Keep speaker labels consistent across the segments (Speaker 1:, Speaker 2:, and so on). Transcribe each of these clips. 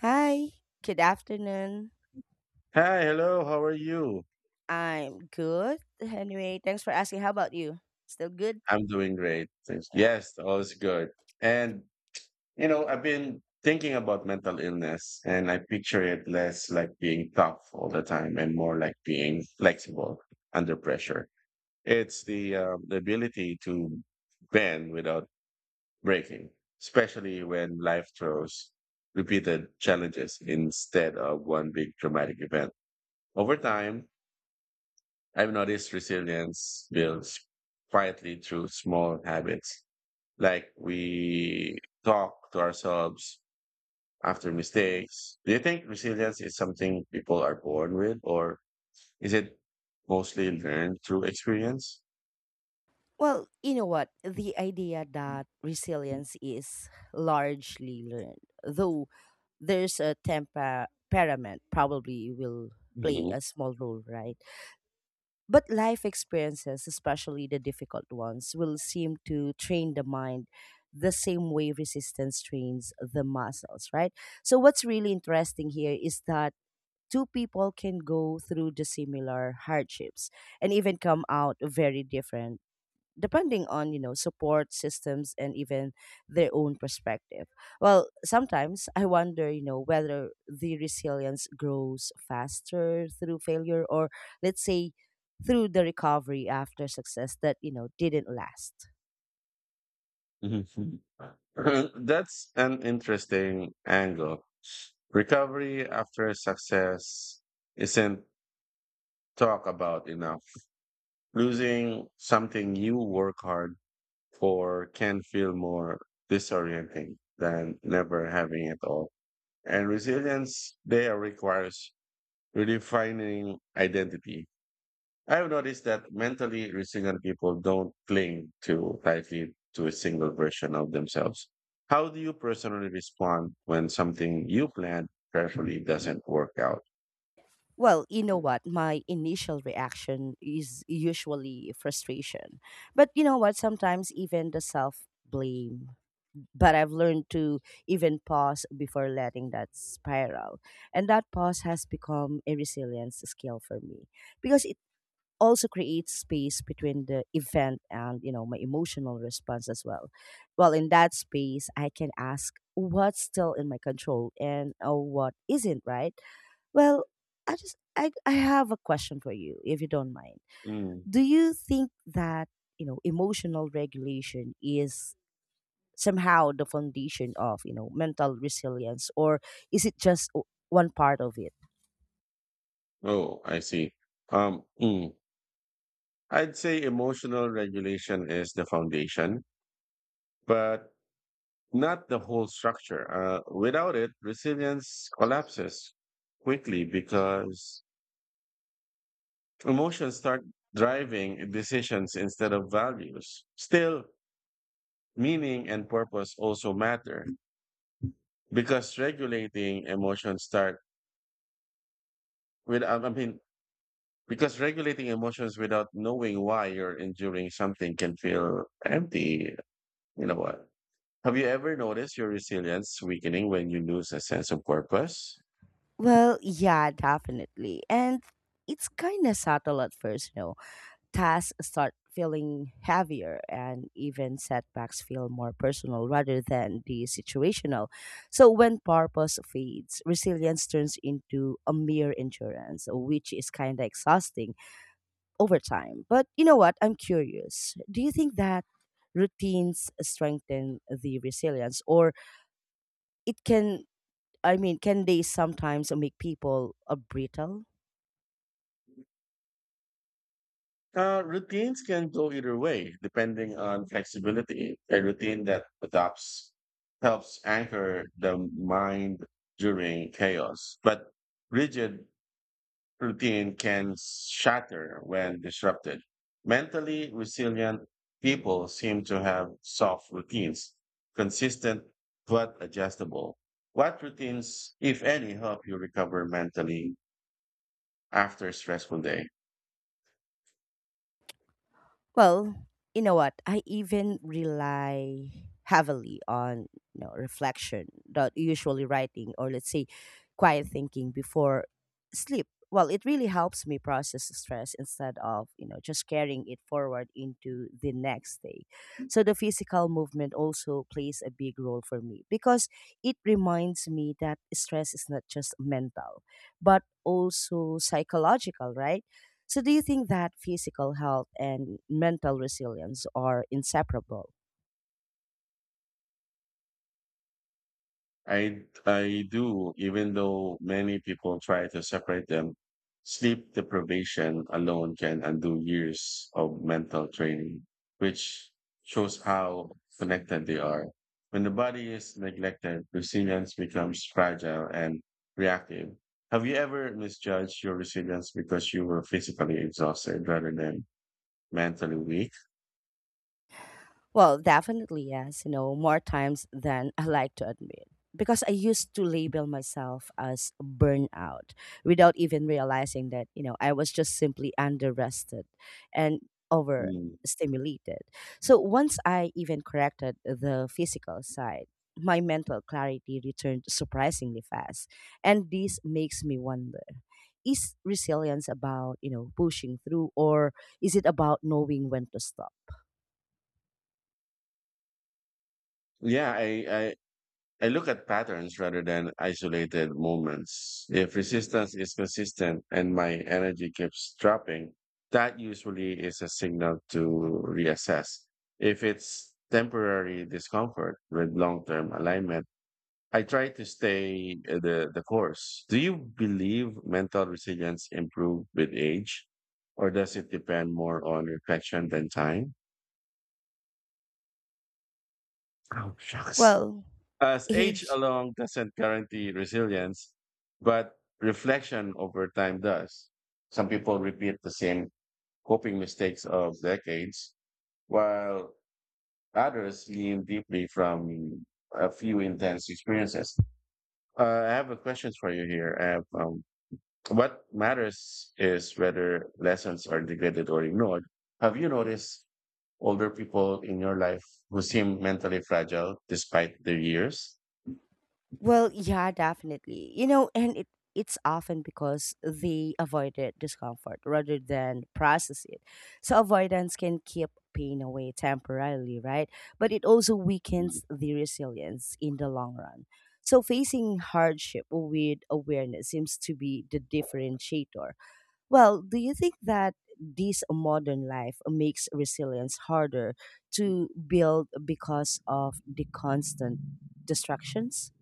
Speaker 1: Hi, good afternoon.
Speaker 2: Hi, hello, how are you?
Speaker 1: I'm good. Anyway, thanks for asking. How about you? Still good?
Speaker 2: I'm doing great. Thanks.
Speaker 1: Yeah.
Speaker 2: Yes, all is good. And, I've been thinking about mental illness and I picture it less like being tough all the time and more like being flexible under pressure. It's the ability to bend without breaking, especially when life throws repeated challenges instead of one big dramatic event. Over time, I've noticed resilience builds quietly through small habits, like we talk to ourselves after mistakes. Do you think resilience is something people are born with, or is it mostly learned through experience?
Speaker 1: Well, you know what? The idea that resilience is largely learned, though there's a temperament probably will play
Speaker 2: Mhm.
Speaker 1: a small role, right? But life experiences, especially the difficult ones, will seem to train the mind the same way resistance trains the muscles, right? So, what's really interesting here is that two people can go through the similar hardships and even come out very different depending on support systems and even their own perspective. Well, sometimes I wonder, whether the resilience grows faster through failure or, let's say, through the recovery after success that didn't last.
Speaker 2: Mhm. That's an interesting angle. Recovery after success isn't talked about enough. Losing something you work hard for can feel more disorienting than never having it all. And resilience there requires redefining identity. I've noticed that mentally resilient people don't cling too tightly to a single version of themselves. How do you personally respond when something you planned carefully doesn't work out?
Speaker 1: Well, you know what, my initial reaction is usually frustration, but you know what, sometimes even the self blame. But I've learned to even pause before letting that spiral. And that pause has become a resilience skill for me because it also creates space between the event and my emotional response as well. Well, in that space, I can ask what's still in my control and what isn't, right? Well, I just I have a question for you if you don't mind.
Speaker 2: Mm.
Speaker 1: Do you think that emotional regulation is somehow the foundation of mental resilience, or is it just one part of it?
Speaker 2: Oh, I see. Um, mm. I'd say emotional regulation is the foundation, but not the whole structure. Without it, resilience collapses quickly because emotions start driving decisions instead of values. Still, meaning and purpose also matter because regulating emotions start with I mean because regulating emotions without knowing why you're enduring something can feel empty. You know what? Have you ever noticed your resilience weakening when you lose a sense of purpose?
Speaker 1: Well, yeah, definitely. And it's kind of subtle at first, Tasks start feeling heavier and even setbacks feel more personal rather than the situational. So when purpose fades, resilience turns into a mere endurance, which is kind of exhausting over time. But you know what? I'm curious. Do you think that routines strengthen the resilience, or it can, can they sometimes make people brittle?
Speaker 2: Routines can go either way, depending on flexibility. A routine that adapts helps anchor the mind during chaos, but rigid routine can shatter when disrupted. Mentally resilient people seem to have soft routines, consistent but adjustable. What routines, if any, help you recover mentally after a stressful day?
Speaker 1: Well, you know what? I even rely heavily on, reflection, not usually writing or, let's say, quiet thinking before sleep. Well, it really helps me process the stress instead of, just carrying it forward into the next day. So the physical movement also plays a big role for me because it reminds me that stress is not just mental, but also psychological, right? So, do you think that physical health and mental resilience are inseparable?
Speaker 2: I do, even though many people try to separate them. Sleep deprivation alone can undo years of mental training, which shows how connected they are. When the body is neglected, resilience becomes fragile and reactive. Have you ever misjudged your resilience because you were physically exhausted rather than mentally weak?
Speaker 1: Well, definitely yes, more times than I like to admit. Because I used to label myself as burnout without even realizing that, I was just simply underrested and
Speaker 2: Mm.
Speaker 1: overstimulated. So once I even corrected the physical side, my mental clarity returned surprisingly fast. And this makes me wonder, is resilience about, pushing through, or is it about knowing when to stop?
Speaker 2: Yeah, I look at patterns rather than isolated moments. If resistance is consistent and my energy keeps dropping, that usually is a signal to reassess. If it's temporary discomfort with long term alignment, I try to stay the course. Do you believe mental resilience improves with age, or does it depend more on reflection than time? Oh, shucks.
Speaker 1: Well,
Speaker 2: As age
Speaker 1: age.
Speaker 2: alone doesn't guarantee resilience, but reflection over time does. Some people repeat the same coping mistakes of decades, while others lean deeply from a few intense experiences. I have a question for you here. I have, What matters is whether lessons are neglected or ignored. Have you noticed older people in your life who seem mentally fragile despite their years?
Speaker 1: Well, yeah, definitely, and it's often because they avoided discomfort rather than process it. So avoidance can keep pain away temporarily, right? But it also
Speaker 2: Mm,
Speaker 1: weakens the resilience in the long run. So facing hardship with awareness seems to be the differentiator. Well, do you think that this modern life makes resilience harder to build because of the constant distractions?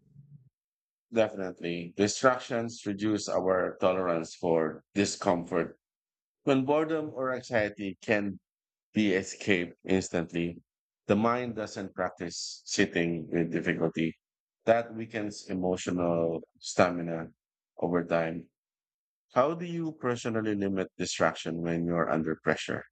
Speaker 2: definitely. Distractions reduce our tolerance for discomfort. When boredom or anxiety can be escaped instantly, the mind doesn't practice sitting with difficulty. That weakens emotional stamina over time. How do you personally limit distraction when you're under pressure?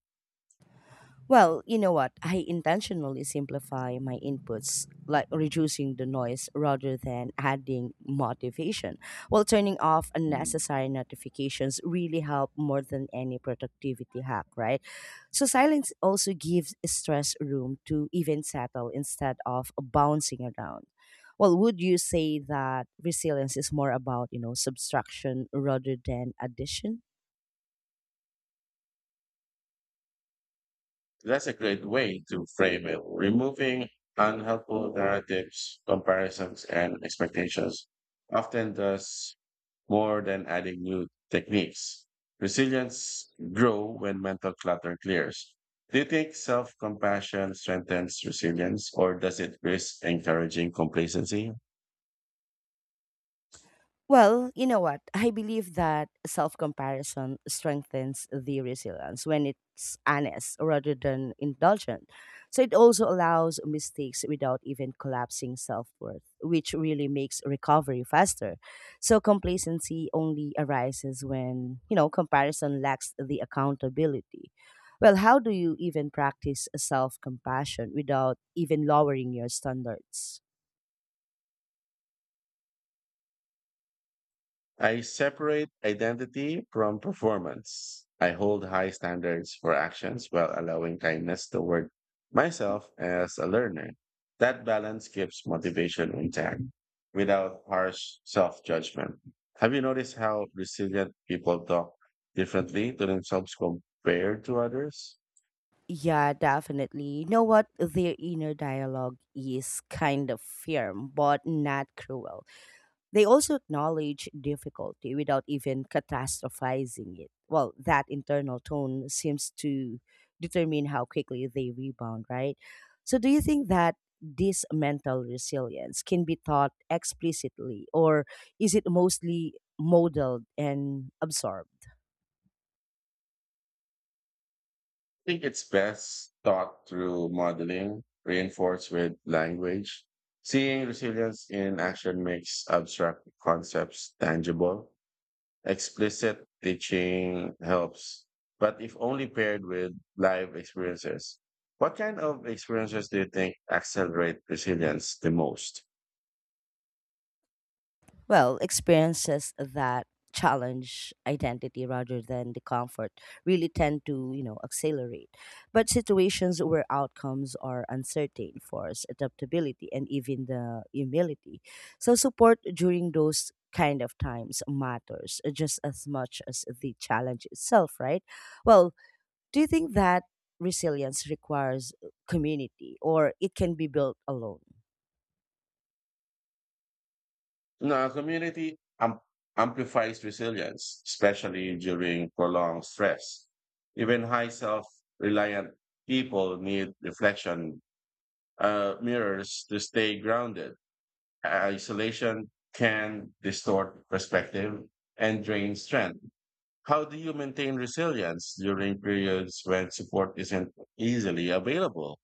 Speaker 1: Well, you know what? I intentionally simplify my inputs, like reducing the noise rather than adding motivation. While turning off
Speaker 2: Mm.
Speaker 1: unnecessary notifications really help more than any productivity hack, right? So silence also gives stress room to even settle instead of bouncing around. Well, would you say that resilience is more about, subtraction rather than addition?
Speaker 2: That's a great way to frame it, removing unhelpful narratives, comparisons, and expectations. Often does more than adding new techniques. Resilience grow when mental clutter clears. Do you think self-compassion strengthens resilience or does it risk encouraging complacency?
Speaker 1: Well, you know what? I believe that self comparison strengthens the resilience when it's honest rather than indulgent. So it also allows mistakes without even collapsing self worth, which really makes recovery faster. So complacency only arises when, comparison lacks the accountability. Well, how do you even practice self compassion without even lowering your standards?
Speaker 2: I separate identity from performance. I hold high standards for actions while allowing kindness toward myself as a learner. That balance keeps motivation intact without harsh self judgment. Have you noticed how resilient people talk differently to themselves compared to others?
Speaker 1: Yeah, definitely. You know what? Their inner dialogue is kind of firm, but not cruel. They also acknowledge difficulty without even catastrophizing it. Well, that internal tone seems to determine how quickly they rebound, right? So, do you think that this mental resilience can be taught explicitly, or is it mostly modeled and absorbed?
Speaker 2: Think it's best thought through modeling, reinforced with language. Seeing resilience in action makes abstract concepts tangible. Explicit teaching helps, but if only paired with live experiences. What kind of experiences do you think accelerate resilience the most?
Speaker 1: Well, experiences that challenge identity rather than the comfort really tend to, accelerate. But situations where outcomes are uncertain force adaptability and even the humility. So support during those kind of times matters, just as much as the challenge itself, right? Well, do you think that resilience requires community, or it can be built alone?
Speaker 2: No, our amplifies resilience, especially during prolonged stress. Even high self reliant people need reflection mirrors to stay grounded. Isolation can distort perspective and drain strength. How do you maintain resilience during periods when support isn't easily available?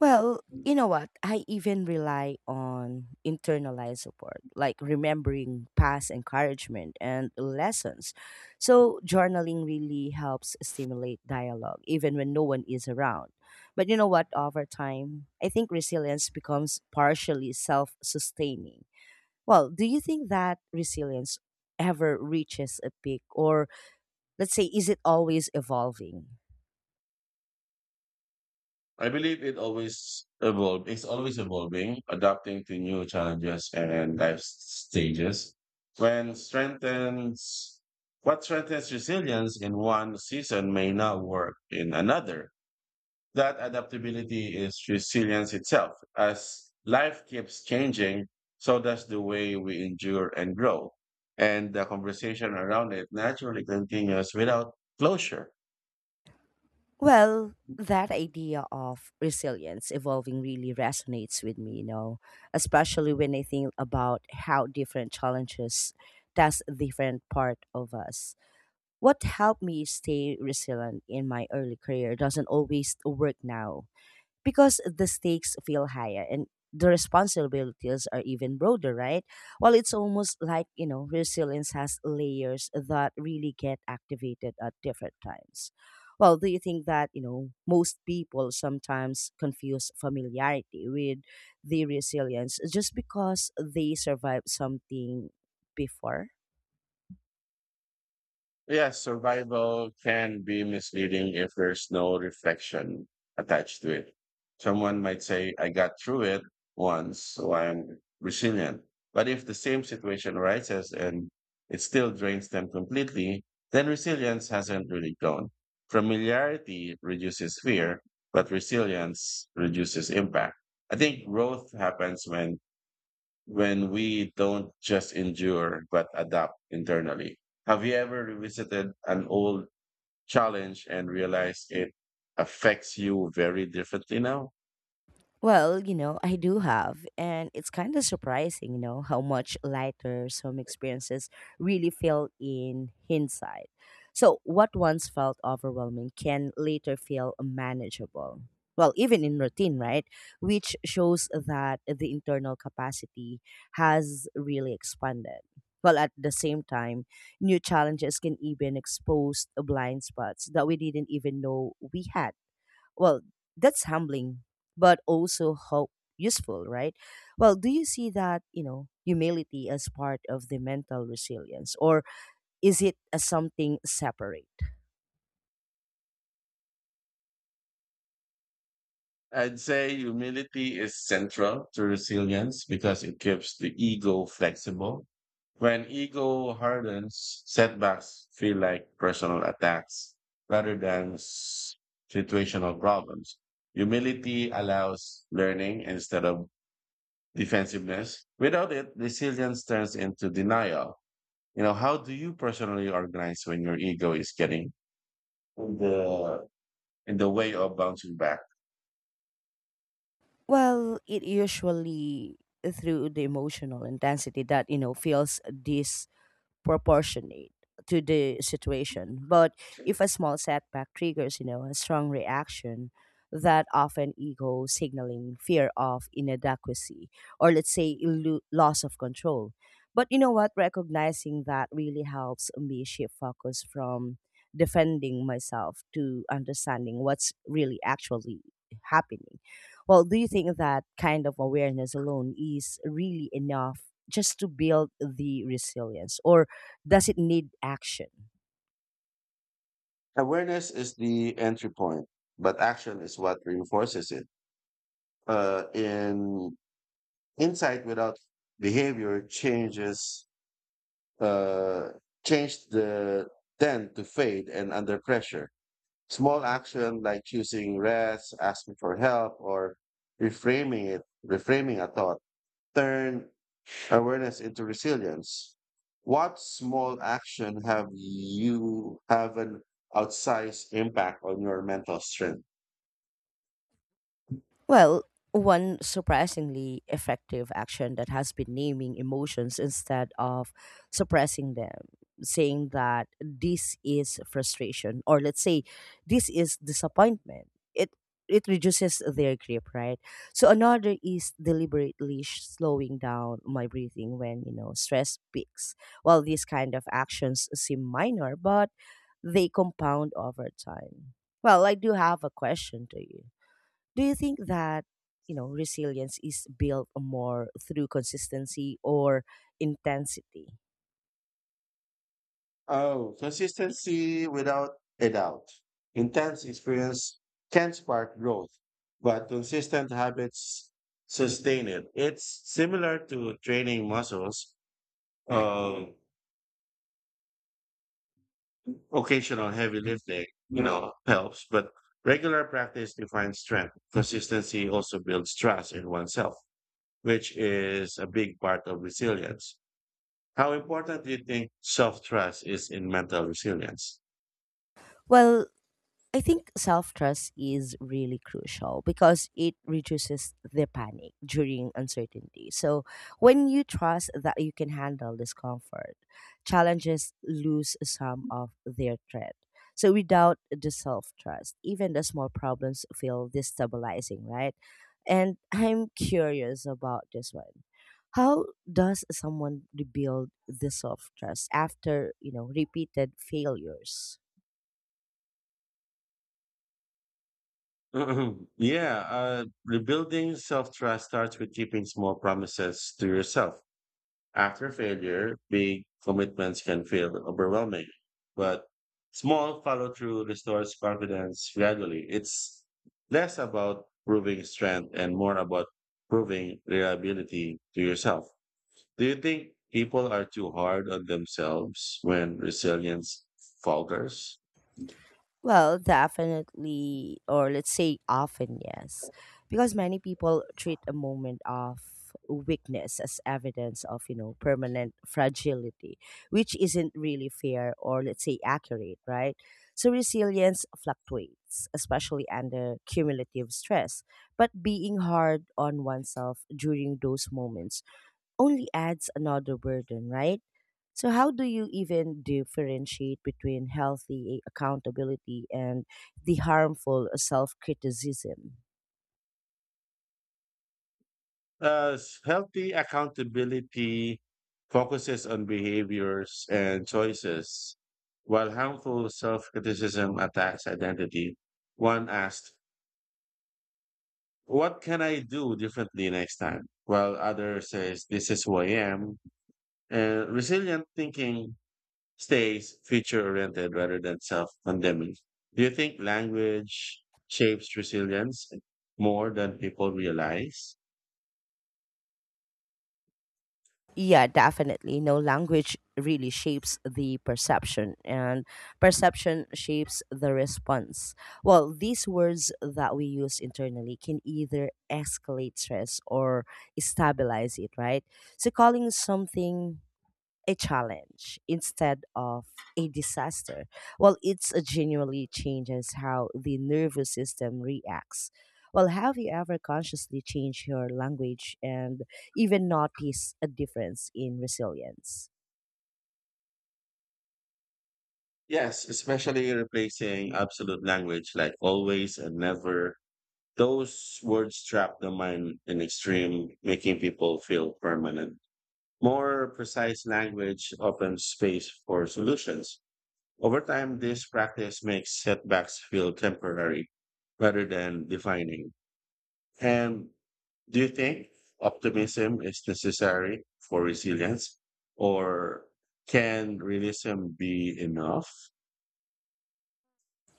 Speaker 1: Well, you know what? I even rely on internalized support, like remembering past encouragement and lessons. So, journaling really helps stimulate dialogue, even when no one is around. But you know what? Over time, I think resilience becomes partially self sustaining. Well, do you think that resilience ever reaches a peak, or, let's say, is it always evolving?
Speaker 2: I believe it always evolve. It's always evolving, adapting to new challenges and life stages. When strengthens what strengthens resilience in one season may not work in another. That adaptability is resilience itself. As life keeps changing, so does the way we endure and grow. And the conversation around it naturally continues without closure.
Speaker 1: Well, that idea of resilience evolving really resonates with me, especially when I think about how different challenges test different part of us. What helped me stay resilient in my early career doesn't always work now because the stakes feel higher and the responsibilities are even broader, right? Well, it's almost like, resilience has layers that really get activated at different times. Well, do you think that, most people sometimes confuse familiarity with the resilience just because they survived something before?
Speaker 2: Yes, survival can be misleading if there's no reflection attached to it. Someone might say, I got through it once, so I'm resilient. But if the same situation arises and it still drains them completely, then resilience hasn't really grown. Familiarity reduces fear, but resilience reduces impact. I think growth happens when we don't just endure but adapt internally. Have you ever revisited an old challenge and realized it affects you very differently now?
Speaker 1: Well, I do have, and it's kind of surprising, how much lighter some experiences really feel in hindsight. So, what once felt overwhelming can later feel manageable. Well, even in routine, right? Which shows that the internal capacity has really expanded. Well, at the same time, new challenges can even expose blind spots that we didn't even know we had. Well, that's humbling, but also hope useful, right? Well, do you see that, humility as part of the mental resilience, or is it as something separate?
Speaker 2: I'd say humility is central to resilience because it keeps the ego flexible. When ego hardens, setbacks feel like personal attacks rather than situational problems. Humility allows learning instead of defensiveness. Without it, resilience turns into denial. You know, how do you personally organize when your ego is getting in the in the way of bouncing back?
Speaker 1: Well, it usually through the emotional intensity that, feels proportionate to the situation. But if a small setback triggers, a strong reaction, that often ego signaling fear of inadequacy or, let's say, loss of control. But you know what? Recognizing that really helps me shift focus from defending myself to understanding what's really actually happening. Well, do you think that kind of awareness alone is really enough just to build the resilience? Or does it need action?
Speaker 2: Awareness is the entry point, but action is what reinforces it. In insight without behavior changes uh, change the tend to fade and under pressure. Small action like choosing rest, asking for help, or reframing it, reframing a thought, turn awareness into resilience. What small action have you have an outsized impact on your mental strength?
Speaker 1: Well, one surprisingly effective action that has been naming emotions instead of suppressing them, saying that this is frustration, or, let's say, this is disappointment. It it reduces their grip, right? So another is deliberately slowing down my breathing when stress peaks. While these kind of actions seem minor, but they compound over time. Well, I do have a question to you, do you think that resilience is built more through consistency or intensity?
Speaker 2: Oh, consistency without a doubt. Intense experience can spark growth, but consistent habits sustain it. It's similar to training muscles. Um, occasional heavy lifting, you know, helps, but regular practice defines strength. Consistency also builds trust in oneself, which is a big part of resilience. How important do you think self trust is in mental resilience?
Speaker 1: Well, I think self trust is really crucial because it reduces the panic during uncertainty. So, when you trust that you can handle discomfort, challenges lose some of their threat. So, without the self trust, even the small problems feel destabilizing, right? And I'm curious about this one. How does someone rebuild the self trust after, repeated failures?
Speaker 2: Mhm. Yeah, rebuilding self trust starts with keeping small promises to yourself. After failure, big commitments can feel overwhelming, but small follow through restores confidence gradually. It's less about proving strength and more about proving reliability to yourself. Do you think people are too hard on themselves when resilience falters?
Speaker 1: Well, definitely, or, let's say, often, yes. Because many people treat a moment of weakness as evidence of, permanent fragility, which isn't really fair or, let's say, accurate, right? So resilience fluctuates, especially under cumulative stress. But being hard on oneself during those moments only adds another burden, right? So, how do you even differentiate between healthy accountability and the harmful self criticism?
Speaker 2: S- healthy accountability focuses on behaviors and choices, while harmful self criticism attacks identity. One asks, what can I do differently next time? While other says, this is who I am. And resilient thinking stays future oriented rather than self condemning. Do you think language shapes resilience more than people realize?
Speaker 1: Yeah, definitely. No, language really shapes the perception, and perception shapes the response. Well, these words that we use internally can either escalate stress or stabilize it, right? So, calling something a challenge instead of a disaster. Well, it's genuinely changes how the nervous system reacts. Well, have you ever consciously changed your language and even noticed a difference in resilience?
Speaker 2: Yes, especially replacing absolute language like always and never. Those words trap the mind in extreme, making people feel permanent. More precise language opens space for solutions. Over time, this practice makes setbacks feel temporary rather than defining. And Do you think optimism is necessary for resilience, or can realism be enough?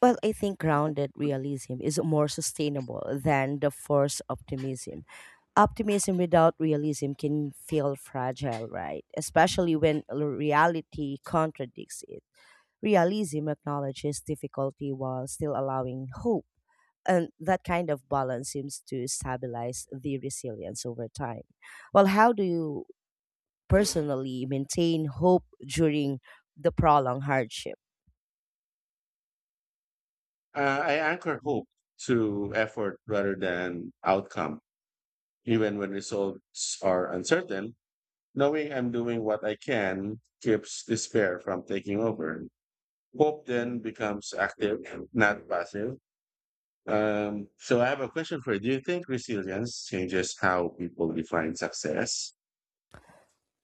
Speaker 1: Well, I think grounded realism is more sustainable than the forced optimism. Optimism without realism can feel fragile, right? Especially when reality contradicts it. Realism acknowledges difficulty while still allowing hope. And that kind of balance seems to stabilize the resilience over time. Well, how do you personally maintain hope during the prolonged hardship?
Speaker 2: I anchor hope to effort rather than outcome, even when results are uncertain. Knowing I'm doing what I can keeps despair from taking over. Hope then becomes active, not passive. So I have a question for you. Do you think resilience changes how people define success?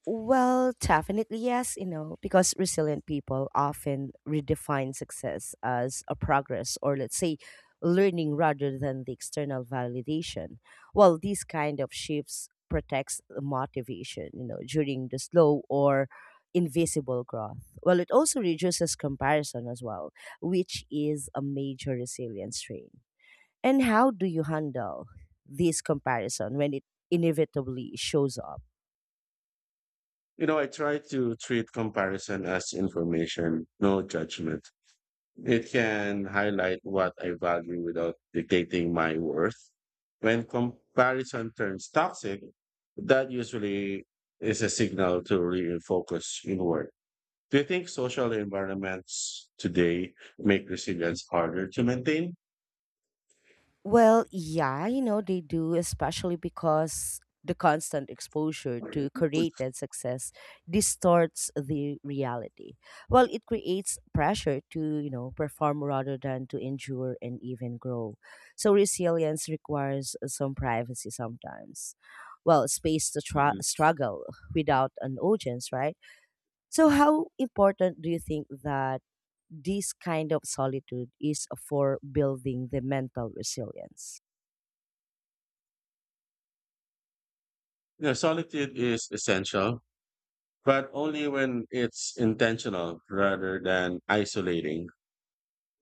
Speaker 1: Well, definitely yes, because resilient people often redefine success as a progress or, let's say, learning rather than the external validation. Well, these kind of shifts protects the motivation, during the slow or invisible growth. Well, it also reduces comparison as well, which is a major resilience trait. And how do you handle this comparison when it inevitably shows up?
Speaker 2: You know, I try to treat comparison as information, no judgment. It can highlight what I value without dictating my worth. When comparison turns toxic, that usually is a signal to really focus inward. Do you think social environments today make resilience harder to maintain?
Speaker 1: Well, yeah, they do, especially because the constant exposure to
Speaker 2: Mhm.
Speaker 1: curated success distorts the reality. Well, it creates pressure to, perform rather than to endure and even grow. So resilience requires some privacy sometimes. Well, space to
Speaker 2: You
Speaker 1: struggle without an audience, right? So, how important do you think that? This kind of solitude is for building the mental resilience.
Speaker 2: know, solitude is essential, but only when it's intentional rather than isolating.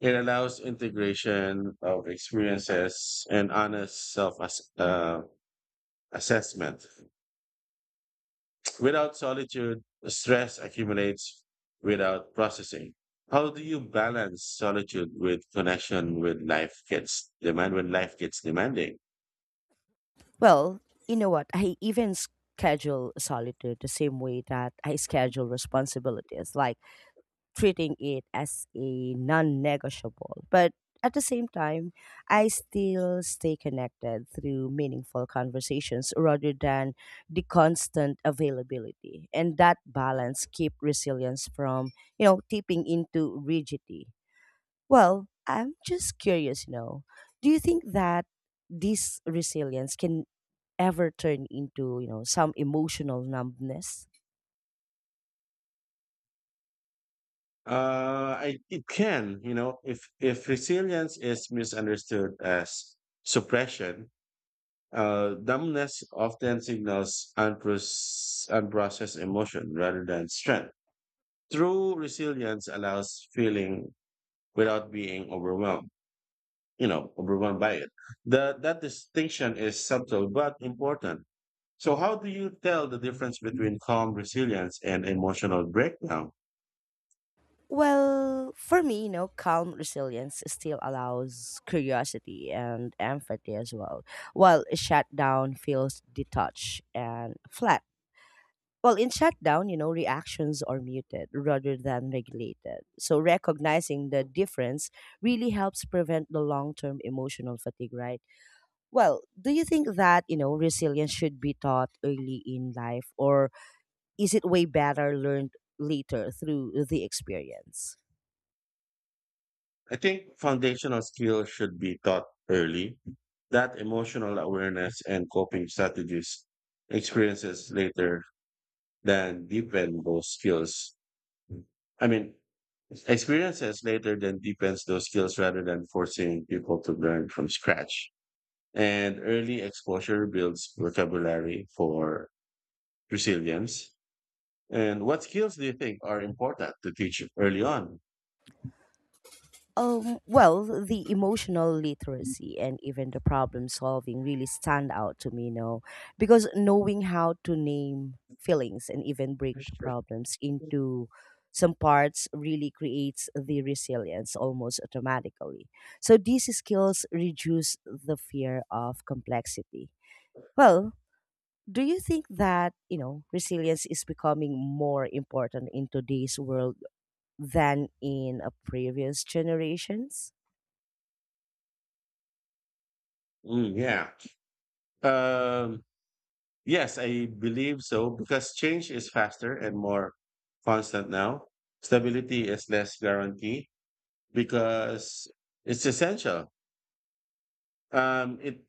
Speaker 2: It allows integration of experiences and honest assessment. Without solitude, stress accumulates without processing. How do you balance solitude with connection with life gets demand when life gets demanding?
Speaker 1: Well, you know what? I even schedule solitude the same way that I schedule responsibilities, like treating it as a non negotiable. But at the same time, I still stay connected through meaningful conversations rather than the constant availability. And that balance keep resilience from, tipping into rigidity. Well, I'm just curious, do you think that this resilience can ever turn into, some emotional numbness?
Speaker 2: It can, you know, if resilience is misunderstood as suppression, dumbness often signals unprocessed emotion rather than strength. True resilience allows feeling without being overwhelmed, you know, overwhelmed by it. The, that distinction is subtle but important. So, how do you tell the difference between calm resilience and emotional breakdown?
Speaker 1: Well, for me, calm resilience still allows curiosity and empathy as well, while a shutdown feels detached and flat. Well, in shutdown, reactions are muted rather than regulated. So recognizing the difference really helps prevent the long term emotional fatigue, right? Well, do you think that, resilience should be taught early in life, or is it way better learned later through the experience?
Speaker 2: I think foundational skills should be taught early. That Emotional awareness and coping strategies experiences later than deepen those skills. I mean, Experiences later then deepens those skills rather than forcing people to learn from scratch. And early exposure builds vocabulary for resilience. And what skills do you think are important to teach early on?
Speaker 1: Well, the emotional literacy and even the problem solving really stand out to me, because knowing how to name feelings and even break the problems into some parts really creates the resilience almost automatically. So these skills reduce the fear of complexity. Well, do you think that, resilience is becoming more important in today's world than in a previous generations?
Speaker 2: Mm, yeah. Um, yes, I believe so because change is faster and more constant now. Stability is less guaranteed because it's essential. It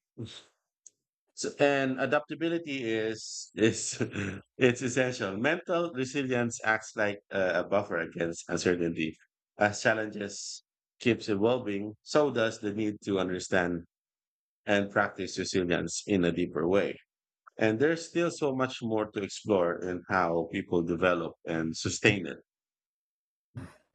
Speaker 2: So, and adaptability is it's essential. Mental resilience acts like a buffer against uncertainty. As challenges keeps evolving, so does the need to understand and practice resilience in a deeper way. And there's still so much more to explore in how people develop and sustain it.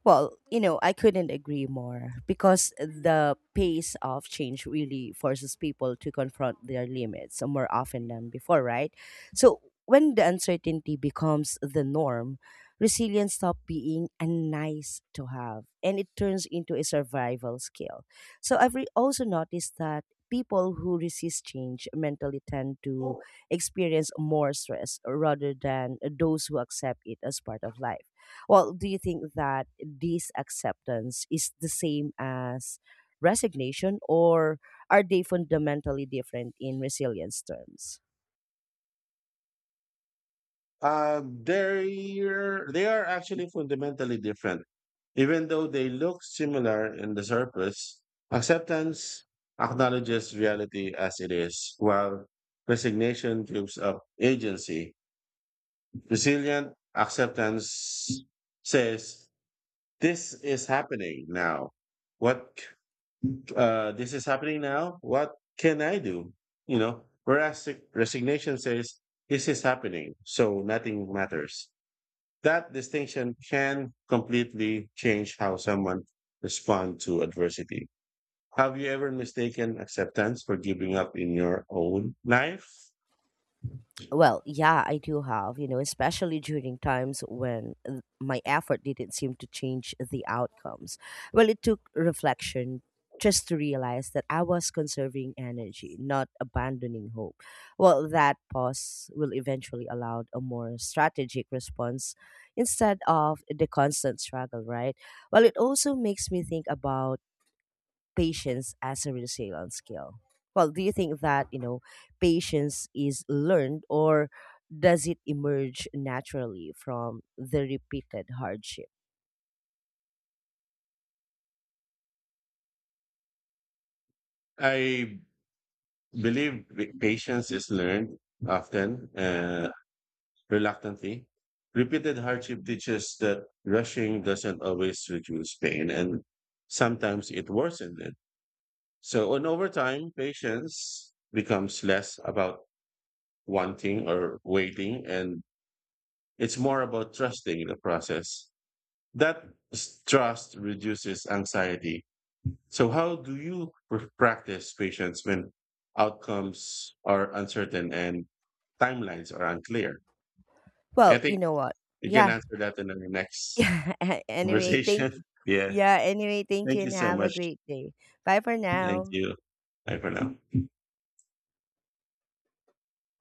Speaker 1: Well, I couldn't agree more because the pace of change really forces people to confront their limits more often than before, right? So, when the uncertainty becomes the norm, resilience stops being a nice to have and it turns into a survival skill. So, I've also noticed that people who resist change mentally tend to
Speaker 2: Well,
Speaker 1: experience more stress rather than those who accept it as part of life. Well, do you think that? This acceptance is the same as resignation, or are they fundamentally different in resilience terms?
Speaker 2: Uh, they are actually fundamentally different. Even though they look similar in the surface, acceptance acknowledges reality as it is, while resignation gives up agency. Resilient acceptance says, This is happening now. What, c- this is happening now. What can I do? You know, whereas resignation says, this is happening, so nothing matters. That distinction can completely change how someone responds to adversity. Have you ever mistaken acceptance for giving up in your own life?
Speaker 1: Well, yeah, I do have, especially during times when my effort didn't seem to change the outcomes. Well, it took reflection just to realize that I was conserving energy, not abandoning hope. Well, that pause will eventually allow a more strategic response instead of the constant struggle, right? Well, it also makes me think about patience as a resilience skill? Well, do you think that, patience is learned, or does it emerge naturally from the repeated hardship?
Speaker 2: I believe patience is learned often, reluctantly. Repeated hardship teaches that rushing doesn't always reduce pain, and sometimes it worsens it. So, and over time, patience becomes less about wanting or waiting and It's more about trusting the process. That s- trust reduces anxiety. So, how do you practice patience when outcomes are uncertain and timelines are unclear? I
Speaker 1: Well, you
Speaker 2: think
Speaker 1: know what?
Speaker 2: you can
Speaker 1: Yeah.
Speaker 2: answer that in our next
Speaker 1: Yeah. anyway, thank
Speaker 2: conversation. yeah.
Speaker 1: Yeah, anyway, thank you
Speaker 2: Thank you
Speaker 1: and
Speaker 2: so
Speaker 1: have a
Speaker 2: much.
Speaker 1: great day. Bye for
Speaker 2: Thank
Speaker 1: now.
Speaker 2: you. Bye for now.